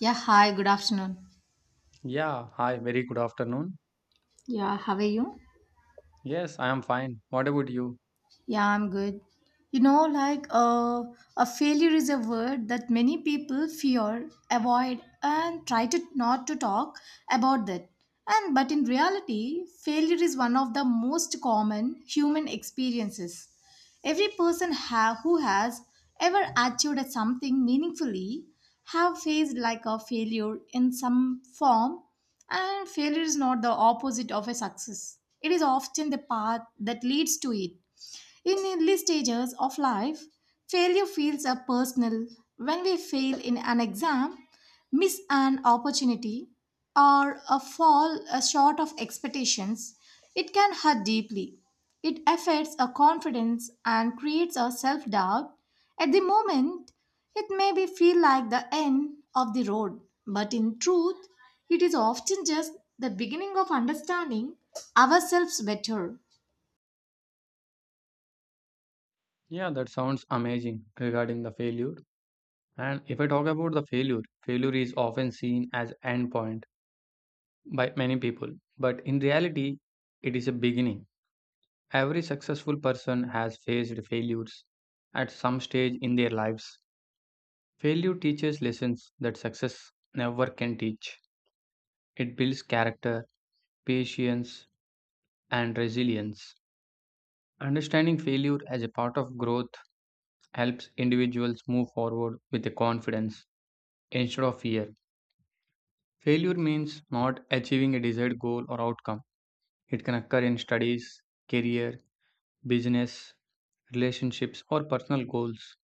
Yeah, hi, good afternoon. Yeah, hi, very good afternoon. Yeah, how are you? Yes, I am fine. What about you? Yeah, I'm good. You know, like uh, a failure is a word that many people fear, avoid, and try to not to talk about that. And but in reality, failure is one of the most common human experiences. Every person who has ever achieved at something meaningfully have faced like a failure in some form, and failure is not the opposite of a success. It is often the path that leads to it in early stages of life, failure feels a personal. When we fail in an exam, miss an opportunity, or a fall short of expectations, it can hurt deeply. It affects our confidence and creates a self doubt. At the moment, it may be feel like the end of the road, but in truth, it is often just the beginning of understanding ourselves better. Yeah, that sounds amazing regarding the failure. And if I talk about the failure, failure is often seen as end point by many people, but in reality, it is a beginning. Every successful person has faced failures at some stage in their lives. Failure teaches lessons that success never can teach. It builds character, patience, and resilience. Understanding failure as a part of growth helps individuals move forward with the confidence instead of fear. Failure means not achieving a desired goal or outcome. It can occur in studies, career, business, relationships, or personal goals.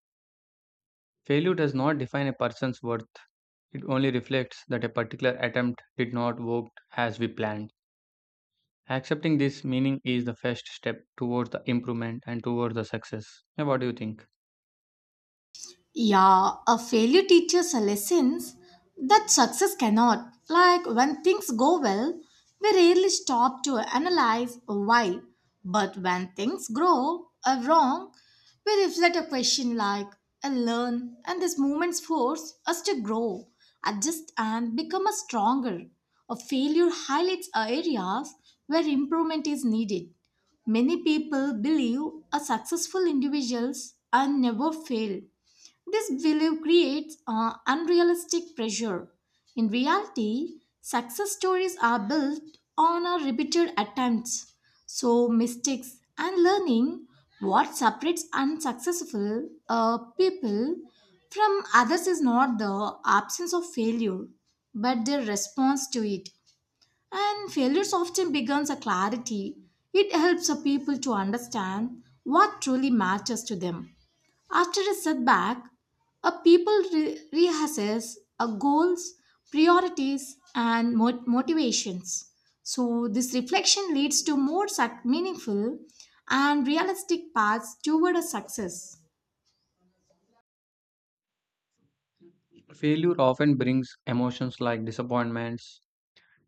Failure does not define a person's worth. It only reflects that a particular attempt did not work as we planned. Accepting this meaning is the first step towards the improvement and towards the success. Now, what do you think? Yeah, a failure teaches us lessons that success cannot. Like when things go well, we rarely stop to analyze why. But when things grow wrong, we reflect a question like and learn, and these moments force us to grow, adjust, and become a stronger. A failure highlights areas where improvement is needed. Many people believe a successful individuals are never fail this belief creates unrealistic pressure. In reality, success stories are built on our repeated attempts. So, mistakes and learning what separates unsuccessful people from others is not the absence of failure, but their response to it. And failures often becomes a clarity. It helps the people to understand what truly matters to them. After a setback, a people reassess a goals, priorities, and motivations. So this reflection leads to more meaningful and realistic paths toward a success. Failure often brings emotions like disappointments,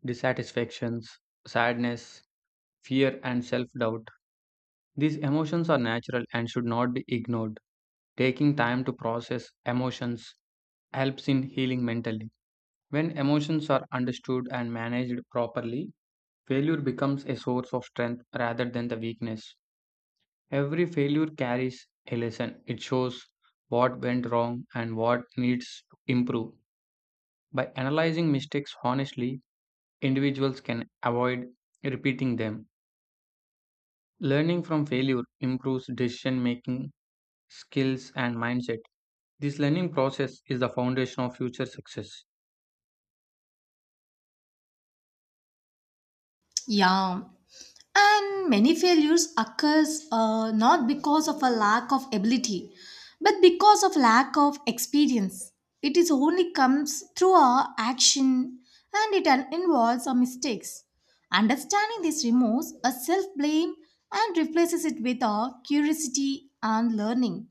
dissatisfactions, sadness, fear, and self doubt. These emotions are natural and should not be ignored. Taking time to process emotions helps in healing mentally. When emotions are understood and managed properly, failure becomes a source of strength rather than the weakness. Every failure carries a lesson, it shows what went wrong and what needs to improve. By analyzing mistakes honestly, individuals can avoid repeating them. Learning from failure improves decision making, skills, and mindset. This learning process is the foundation of future success. Yeah, and many failures occurs not because of a lack of ability, but because of lack of experience. It is only comes through our action, and it involves our mistakes. Understanding this removes a self blame and replaces it with our curiosity and learning.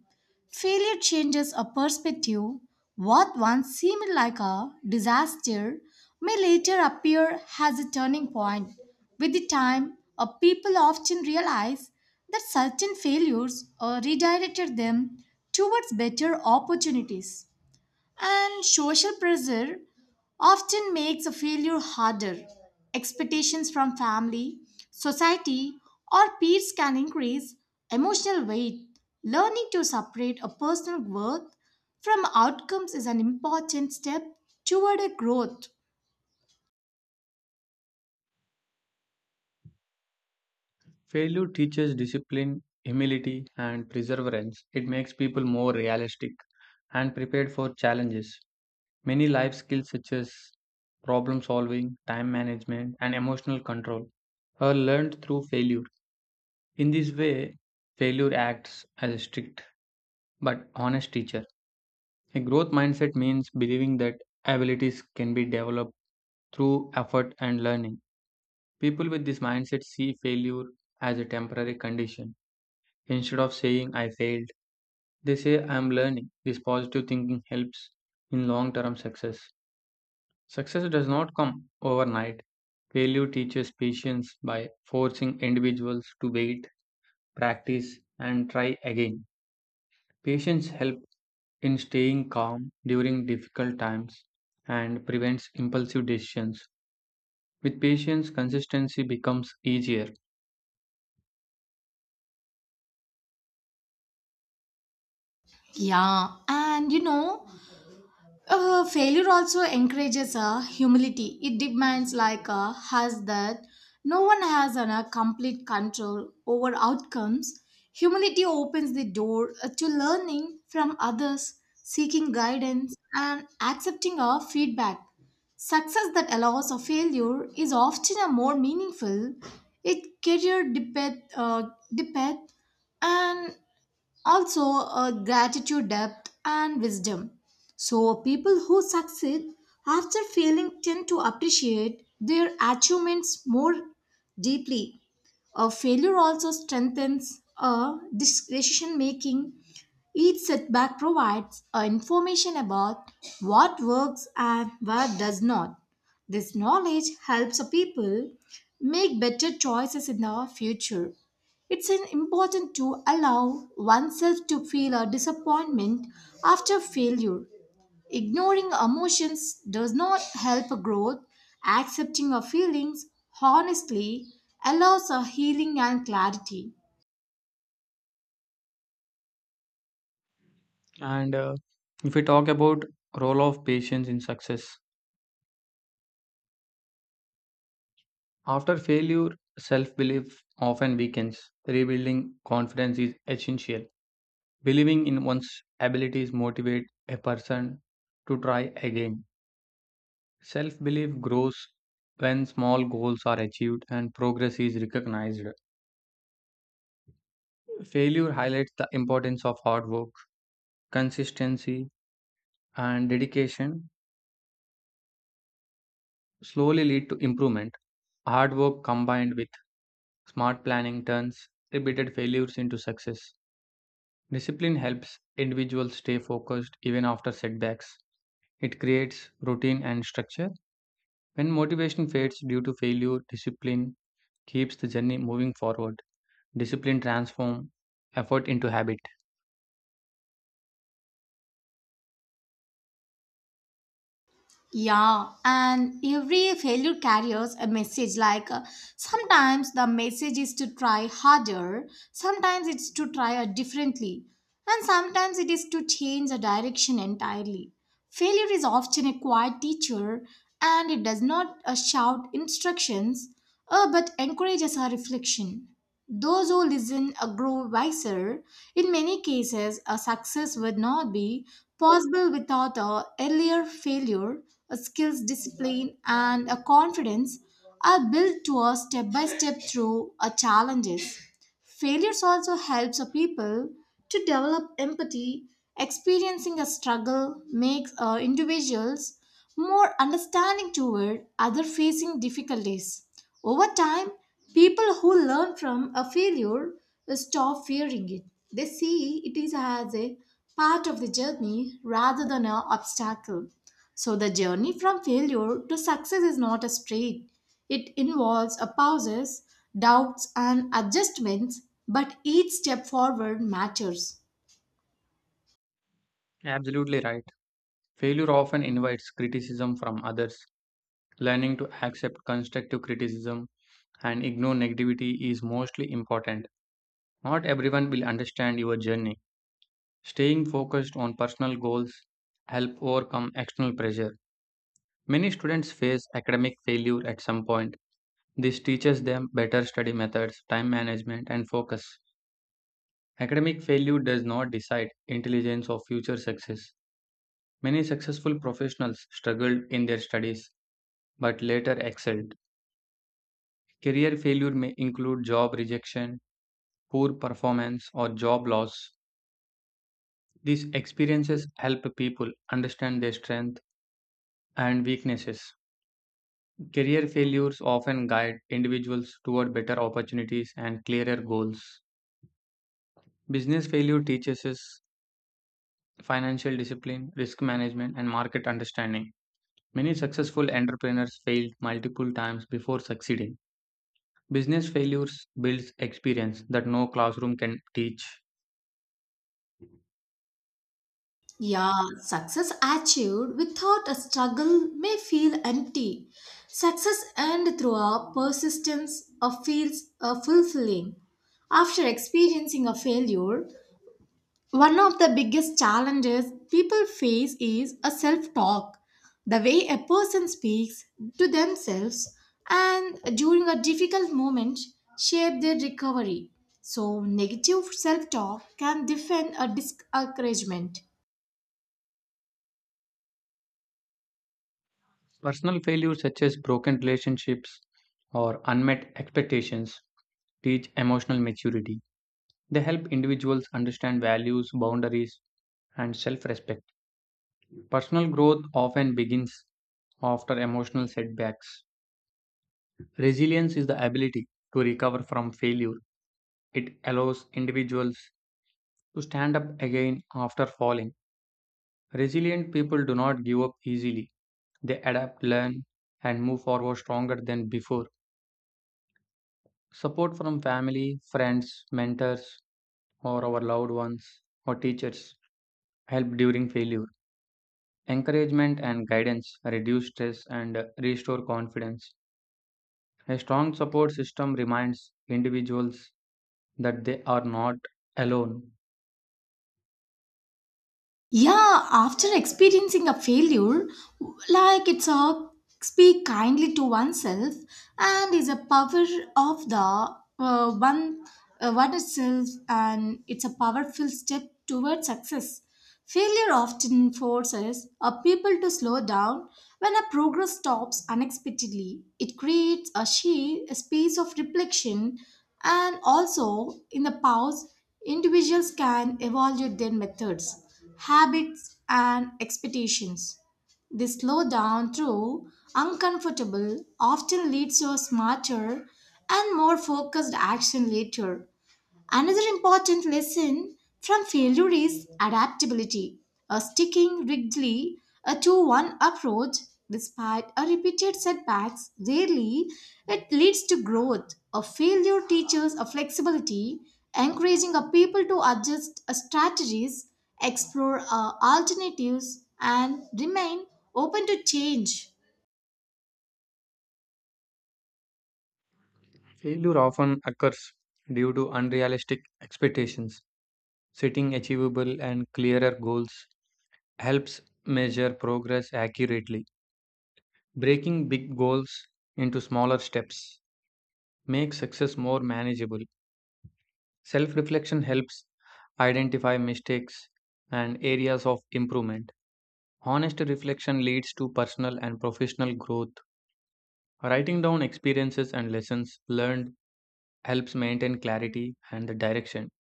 Failure changes a perspective. What once seemed like a disaster may later appear as a turning point. With the time, people often realize that certain failures redirected them towards better opportunities. And social pressure often makes a failure harder. Expectations from family, society, or peers can increase emotional weight. Learning to separate a personal worth from outcomes is an important step toward a growth. Failure teaches discipline, humility, and perseverance. It makes people more realistic and prepared for challenges. Many life skills, such as problem solving, time management, and emotional control, are learned through failure. In this way, failure acts as a strict but honest teacher. A growth mindset means believing that abilities can be developed through effort and learning. People with this mindset see failure as a temporary condition. Instead of saying, I failed, they say, I am learning. This positive thinking helps in long term success. Success does not come overnight. Failure teaches patience by forcing individuals to wait, practice, and try again. Patience helps in staying calm during difficult times and prevents impulsive decisions. With patience, consistency becomes easier. Yeah, and you know, Failure also encourages humility. It demands like has that no one has a complete control over outcomes. Humility opens the door to learning from others, seeking guidance, and accepting our feedback. Success that allows a failure is often a more meaningful. It career depth, depth, and also a gratitude depth and wisdom so people who succeed after failing tend to appreciate their achievements more deeply a failure also strengthens a decision making. Each setback provides a information about what works and what does not. This knowledge helps a people make better choices in the future. It's an important to allow oneself to feel a disappointment after failure Ignoring emotions does not help growth. Accepting our feelings honestly allows our healing and clarity. And If we talk about role of patience in success, after failure, self-belief often weakens. Rebuilding confidence is essential. Believing in one's abilities motivates a person to try again. Self-belief grows when small goals are achieved and progress is recognized. Failure highlights the importance of hard work, consistency, and dedication slowly lead to improvement. Hard work combined with smart planning turns repeated failures into success. Discipline helps individuals stay focused even after setbacks. It creates routine and structure. When motivation fades due to failure, discipline keeps the journey moving forward. Discipline transforms effort into habit. Yeah, and every failure carries a message like sometimes the message is to try harder, sometimes it's to try differently, and sometimes it is to change the direction entirely. Failure is often a quiet teacher and it does not shout instructions but encourages our reflection. Those who listen grow wiser. In many cases, a success would not be possible without a earlier failure. A skills, discipline, and a confidence are built to a step by step through a challenges. Failures also helps a people to develop empathy. Experiencing a struggle makes individuals more understanding toward other facing difficulties. Over time, people who learn from a failure stop fearing it. They see it is as a part of the journey rather than an obstacle. So the journey from failure to success is not a straight. It involves a pauses, doubts and adjustments, but each step forward matters. Absolutely right. Failure often invites criticism from others. Learning to accept constructive criticism and ignore negativity is mostly important. Not everyone will understand your journey. Staying focused on personal goals help overcome external pressure. Many students face academic failure at some point. This teaches them better study methods, time management, and focus. Academic failure does not decide intelligence or future success. Many successful professionals struggled in their studies but later excelled. Career failure may include job rejection, poor performance, or job loss. These experiences help people understand their strengths and weaknesses. Career failures often guide individuals toward better opportunities and clearer goals. Business failure teaches us financial discipline, risk management, and market understanding. Many successful entrepreneurs failed multiple times before succeeding. Business failures builds experience that no classroom can teach. Yeah, success achieved without a struggle may feel empty. Success earned through a persistence of feels fulfilling. After experiencing a failure, one of the biggest challenges people face is a self-talk. The way a person speaks to themselves and during a difficult moment shape their recovery. So negative self-talk can defend a discouragement Personal failures such as broken relationships or unmet expectations teach emotional maturity. They help individuals understand values, boundaries, and self respect. Personal growth often begins after emotional setbacks. Resilience is the ability to recover from failure, it allows individuals to stand up again after falling. Resilient people do not give up easily, they adapt, learn, and move forward stronger than before. Support from family, friends, mentors, or our loved ones or teachers help during failure. Encouragement and guidance reduce stress and restore confidence. A strong support system reminds individuals that they are not alone. Yeah, after experiencing a failure, like it's a speak kindly to oneself and is a power of the one itself and it's a powerful step towards success. Failure often forces a people to slow down when a progress stops unexpectedly. It creates a, a space of reflection and also in the pause, individuals can evaluate their methods habits, and expectations. This slowdown, through uncomfortable, often leads to a smarter and more focused action later. Another important lesson from failure is adaptability, a sticking rigidly to one approach despite a repeated setbacks rarely it leads to growth. A failure teaches a flexibility, encouraging a people to adjust strategies, explore alternatives, and remain open to change. Failure often occurs due to unrealistic expectations. Setting achievable and clearer goals helps measure progress accurately. Breaking big goals into smaller steps make success more manageable. Self reflection helps identify mistakes and areas of improvement. Honest reflection leads to personal and professional growth. Writing down experiences and lessons learned helps maintain clarity and the direction.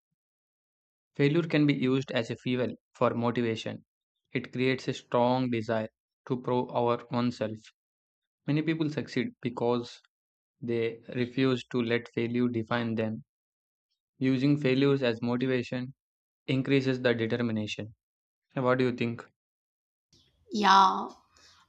Failure can be used as a fuel for motivation. It creates a strong desire to prove our oneself. Many people succeed because they refuse to let failure define them. Using failures as motivation increases the determination. What do you think? Yeah.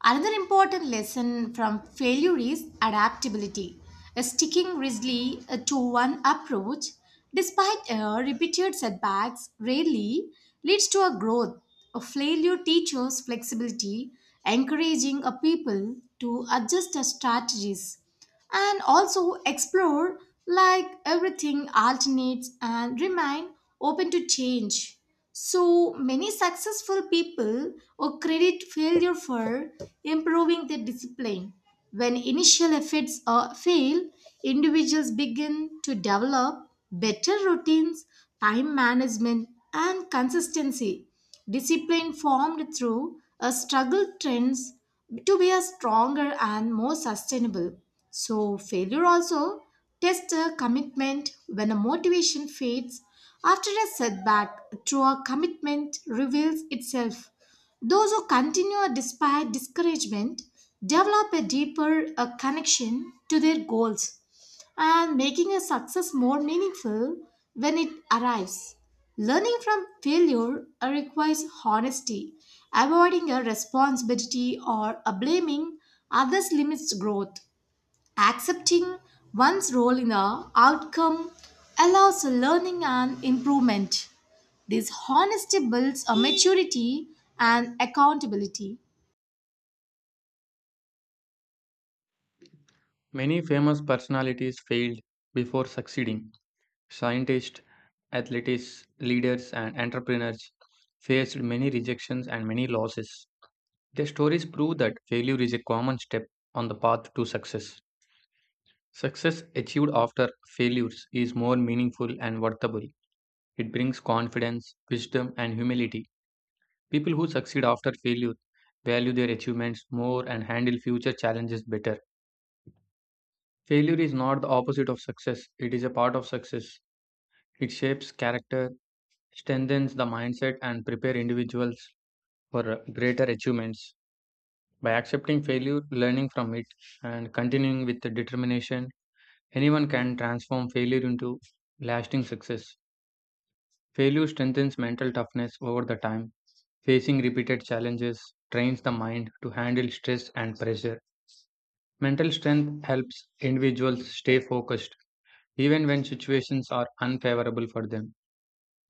Another important lesson from failure is adaptability. Sticking rigidly to one approach, despite repeated setbacks, rarely leads to a growth. A failure teaches flexibility, encouraging a people to adjust their strategies and also explore like everything alternates and remain open to change so many successful people or credit failure for improving their discipline when initial efforts are fail individuals begin to develop better routines time management and consistency Discipline formed through a struggle trends to be a stronger and more sustainable. So failure also tests a commitment when a motivation fades after a setback true a commitment reveals itself. Those who continue despite discouragement develop a deeper connection to their goals and making a success more meaningful when it arrives. Learning from failure requires honesty. Avoiding a responsibility or a blaming others limits growth. Accepting one's role in the outcome allows learning and improvement. This honesty builds a maturity and accountability. Many famous personalities failed before succeeding. Scientists, athletes, leaders, and entrepreneurs faced many rejections and many losses. Their stories prove that failure is a common step on the path to success. Success achieved after failures is more meaningful and worthwhile. It brings confidence, wisdom, and humility. People who succeed after failure value their achievements more and handle future challenges better. Failure is not the opposite of success, it is a part of success. It shapes character, strengthens the mindset, and prepares individuals for greater achievements. By accepting failure, learning from it, and continuing with the determination, anyone can transform failure into lasting success. Failure strengthens mental toughness over the time. Facing repeated challenges trains the mind to handle stress and pressure. Mental strength helps individuals stay focused even when situations are unfavorable for them.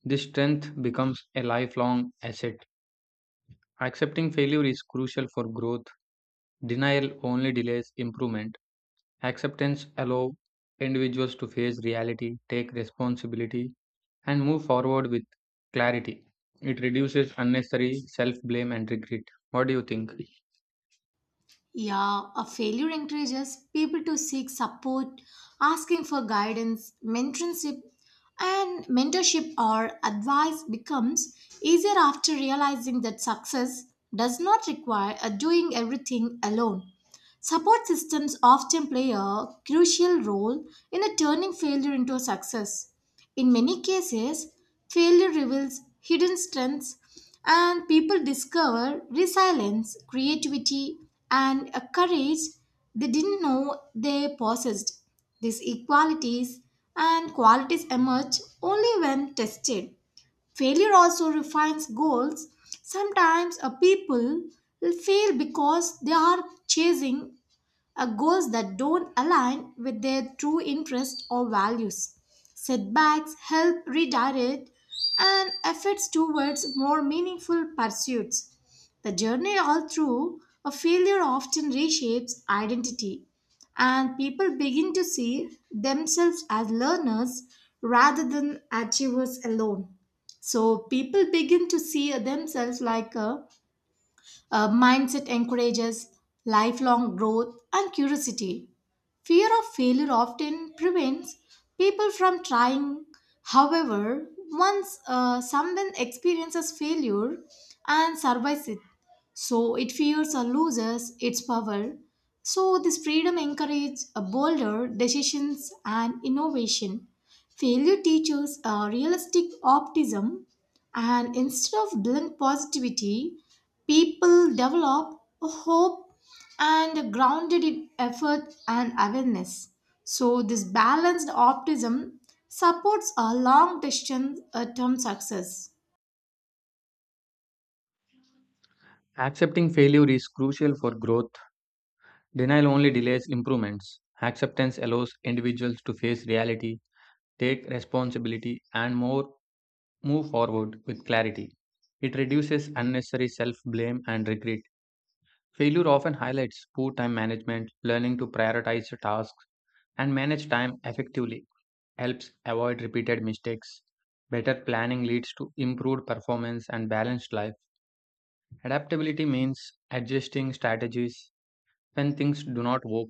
This strength becomes a lifelong asset. Accepting failure is crucial for growth. Denial only delays improvement. Acceptance allows individuals to face reality, take responsibility, and move forward with clarity. It reduces unnecessary self blame and regret. What do you think? Yeah, a failure encourages people to seek support, asking for guidance, mentorship, and mentorship or advice becomes easier after realizing that success does not require a doing everything alone. Support systems often play a crucial role in a turning failure into a success. In many cases, failure reveals hidden strengths and people discover resilience, creativity, and a courage they didn't know they possessed. These equalities and qualities emerge only when tested. Failure also refines goals. Sometimes a people will fail because they are chasing goals that don't align with their true interests or values. Setbacks help redirect and efforts towards more meaningful pursuits. The journey all through a failure often reshapes identity, and people begin to see themselves as learners rather than achievers alone. So people begin to see themselves like a mindset encourages lifelong growth and curiosity. Fear of failure often prevents people from trying. However, once someone experiences failure and survives it, so it fears or loses its power. So, this freedom encourages a bolder decisions and innovation. Failure teaches a realistic optimism and instead of blunt positivity, people develop a hope and grounded in effort and awareness. So, this balanced optimism supports a long distance term success. Accepting failure is crucial for growth. Denial only delays improvements. Acceptance allows individuals to face reality, take responsibility and more move forward with clarity. It reduces unnecessary self-blame and regret. Failure often highlights poor time management, learning to prioritize your tasks and manage time effectively helps avoid repeated mistakes. Better planning leads to improved performance and balanced life. Adaptability means adjusting strategies when things do not work.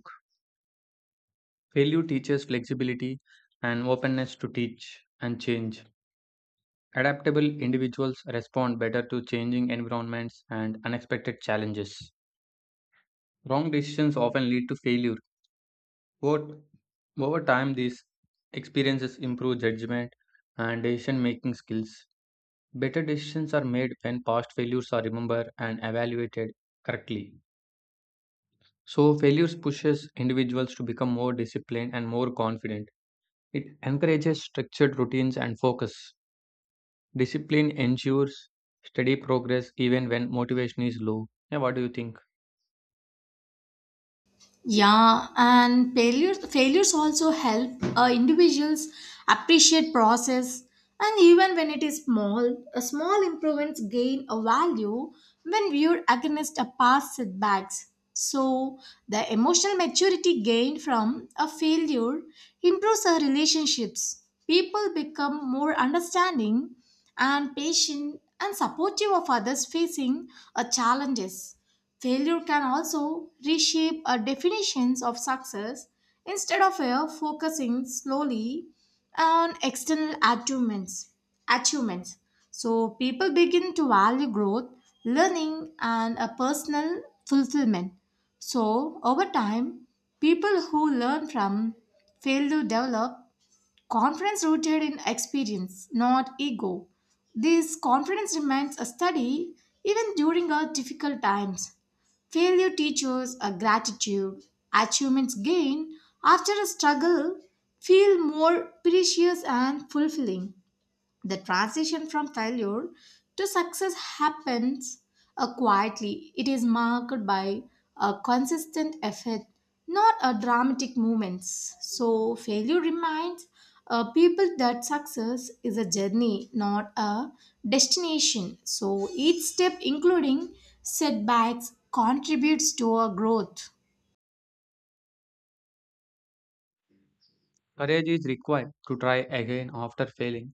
Failure teaches flexibility and openness to teach and change. Adaptable individuals respond better to changing environments and unexpected challenges. Wrong decisions often lead to failure. Over, over time, these experiences improve judgment and decision making skills. Better decisions are made when past failures are remembered and evaluated correctly. So, failures pushes individuals to become more disciplined and more confident. It encourages structured routines and focus. Discipline ensures steady progress even when motivation is low. Yeah, what do you think? Yeah, and failures also help individuals appreciate process, and even when it is small, a small improvements gain a value when viewed against a past setbacks. So the emotional maturity gained from a failure improves our relationships. People become more understanding and patient and supportive of others facing challenges. Failure can also reshape our definitions of success instead of focusing slowly on external achievements. Achievements. So people begin to value growth, learning, and a personal fulfillment. So over time, people who learn from failure develop confidence rooted in experience, not ego. This confidence remains a study even during our difficult times. Failure teaches a gratitude. Achievements gained after a struggle feel more precious and fulfilling the transition from failure to success happens quietly. It is marked by a consistent effort, not a dramatic moments. So failure reminds people that success is a journey, not a destination. So each step, including setbacks, contributes to our growth. Courage is required to try again after failing.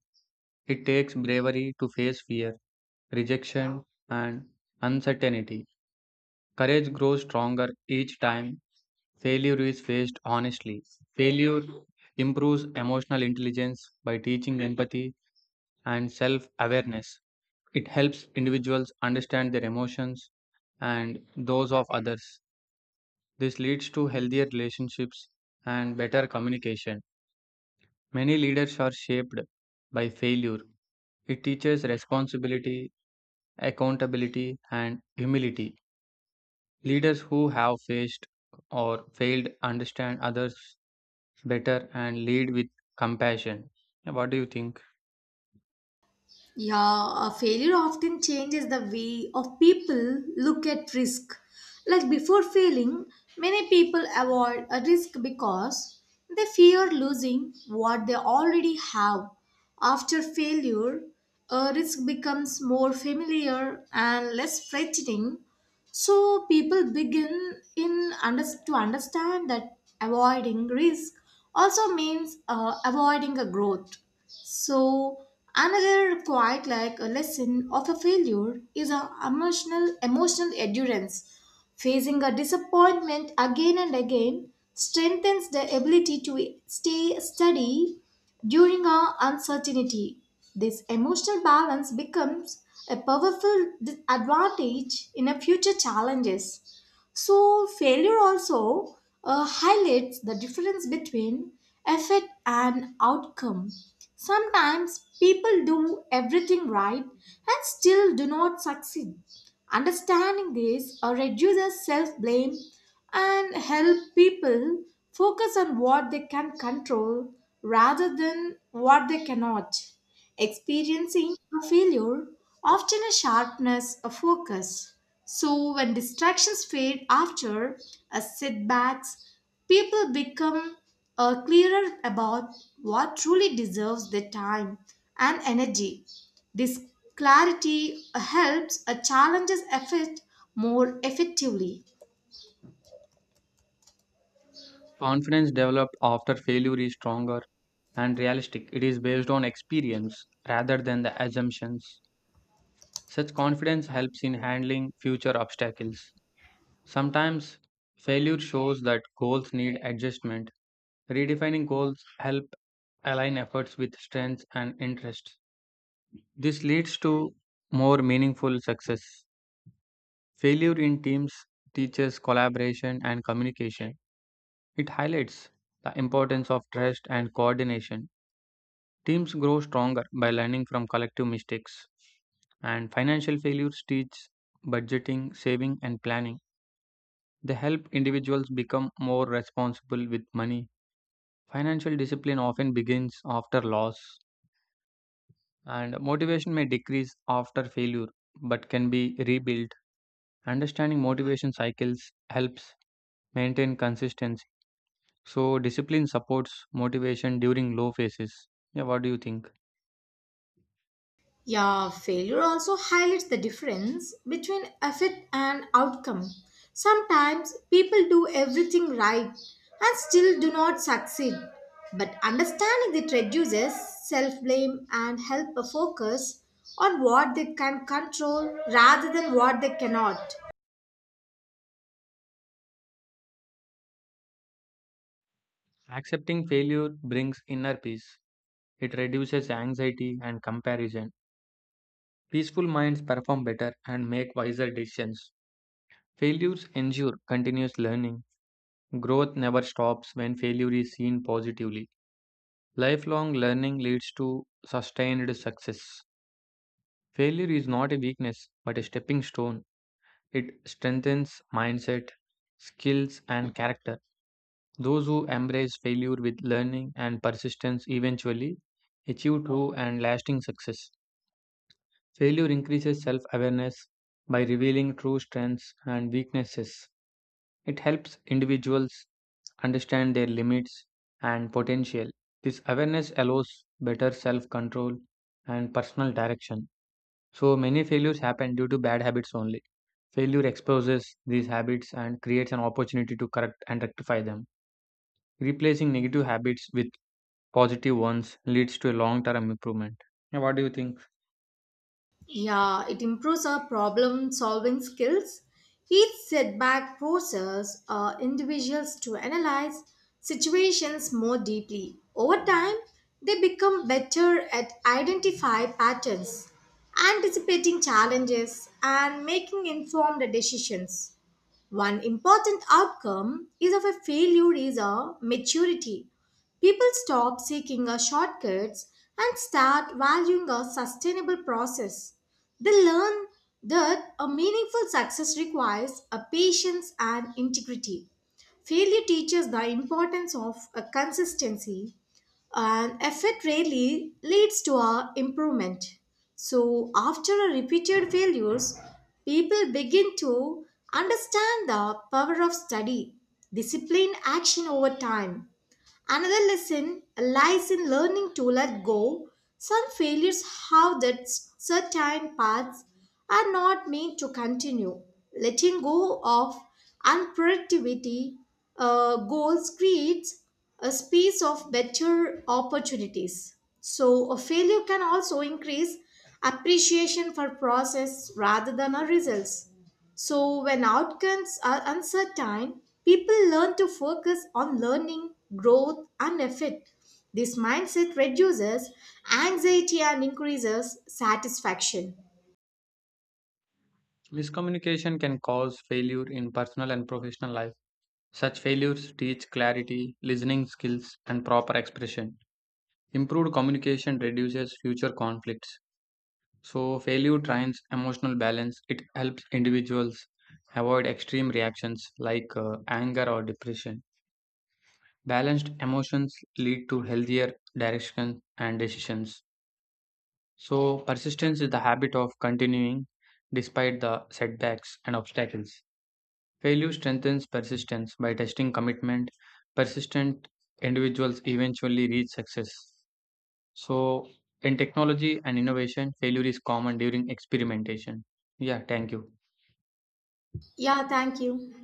It takes bravery to face fear, rejection, and uncertainty. Courage grows stronger each time failure is faced honestly. Failure improves emotional intelligence by teaching empathy and self awareness. It helps individuals understand their emotions and those of others. This leads to healthier relationships and better communication. Many leaders are shaped by failure. It teaches responsibility, accountability, and humility. Leaders who have faced or failed understand others better and lead with compassion. What do you think? Yeah, a failure often changes the way of people look at risk. Like before failing, many people avoid a risk because they fear losing what they already have. After failure, a risk becomes more familiar and less frightening. So people begin in to understand that avoiding risk also means avoiding a growth. So another quite like a lesson of a failure is a emotional endurance. Facing a disappointment again and again strengthens the ability to stay steady during our uncertainty. This emotional balance becomes a powerful advantage in a future challenges. So, failure also highlights the difference between effect and outcome. Sometimes people do everything right and still do not succeed. Understanding this reduces self blame and help people focus on what they can control rather than what they cannot. Experiencing a failure often a sharpness of focus. So when distractions fade after a setbacks, people become clearer about what truly deserves their time and energy. This clarity helps a challenge's effort more effectively. Confidence developed after failure is stronger and realistic. It is based on experience rather than the assumptions. Such confidence helps in handling future obstacles. Sometimes failure shows that goals need adjustment. Redefining goals help align efforts with strengths and interests. This leads to more meaningful success. Failure in teams teaches collaboration and communication. It highlights the importance of trust and coordination. Teams grow stronger by learning from collective mistakes. And financial failures teach budgeting, saving, and planning. They help individuals become more responsible with money. Financial discipline often begins after loss, and motivation may decrease after failure but can be rebuilt. Understanding motivation cycles helps maintain consistency. So, discipline supports motivation during low phases. Yeah, what do you think? Yeah, failure also highlights the difference between effort and outcome. Sometimes people do everything right and still do not succeed. But understanding it reduces self blame and help a focus on what they can control rather than what they cannot. Accepting failure brings inner peace, it reduces anxiety and comparison. Peaceful minds perform better and make wiser decisions. Failures ensure continuous learning. Growth never stops when failure is seen positively. Lifelong learning leads to sustained success. Failure is not a weakness but a stepping stone. It strengthens mindset, skills, and character. Those who embrace failure with learning and persistence eventually achieve true and lasting success. Failure increases self awareness by revealing true strengths and weaknesses. It helps individuals understand their limits and potential. This awareness allows better self control and personal direction. So, many failures happen due to bad habits only. Failure exposes these habits and creates an opportunity to correct and rectify them. Replacing negative habits with positive ones leads to a long term improvement. Yeah, what do you think? Yeah, it improves our problem solving skills. Each setback forces individuals to analyze situations more deeply. Over time, they become better at identify patterns, anticipating challenges, and making informed decisions. One important outcome is of a failure is a maturity. People stop seeking a shortcuts and start valuing a sustainable process. They learn that a meaningful success requires a patience and integrity. Failure teaches the importance of a consistency and effort rarely leads to a improvement. So after a repeated failures, people begin to understand the power of study, discipline, action over time. Another lesson lies in learning to let go. Some failures have that certain paths are not meant to continue. Letting go of unproductivity goals creates a space of better opportunities. So a failure can also increase appreciation for process rather than our results. So, when outcomes are uncertain, people learn to focus on learning, growth, and effort. This mindset reduces anxiety and increases satisfaction. Miscommunication can cause failure in personal and professional life. Such failures teach clarity, listening skills, and proper expression. Improved communication reduces future conflicts. So, failure trains emotional balance. It helps individuals avoid extreme reactions like anger or depression. Balanced emotions lead to healthier direction and decisions. So, persistence is the habit of continuing despite the setbacks and obstacles. Failure strengthens persistence by testing commitment. Persistent individuals eventually reach success. So, in technology and innovation, failure is common during experimentation. Yeah, thank you. Yeah, thank you.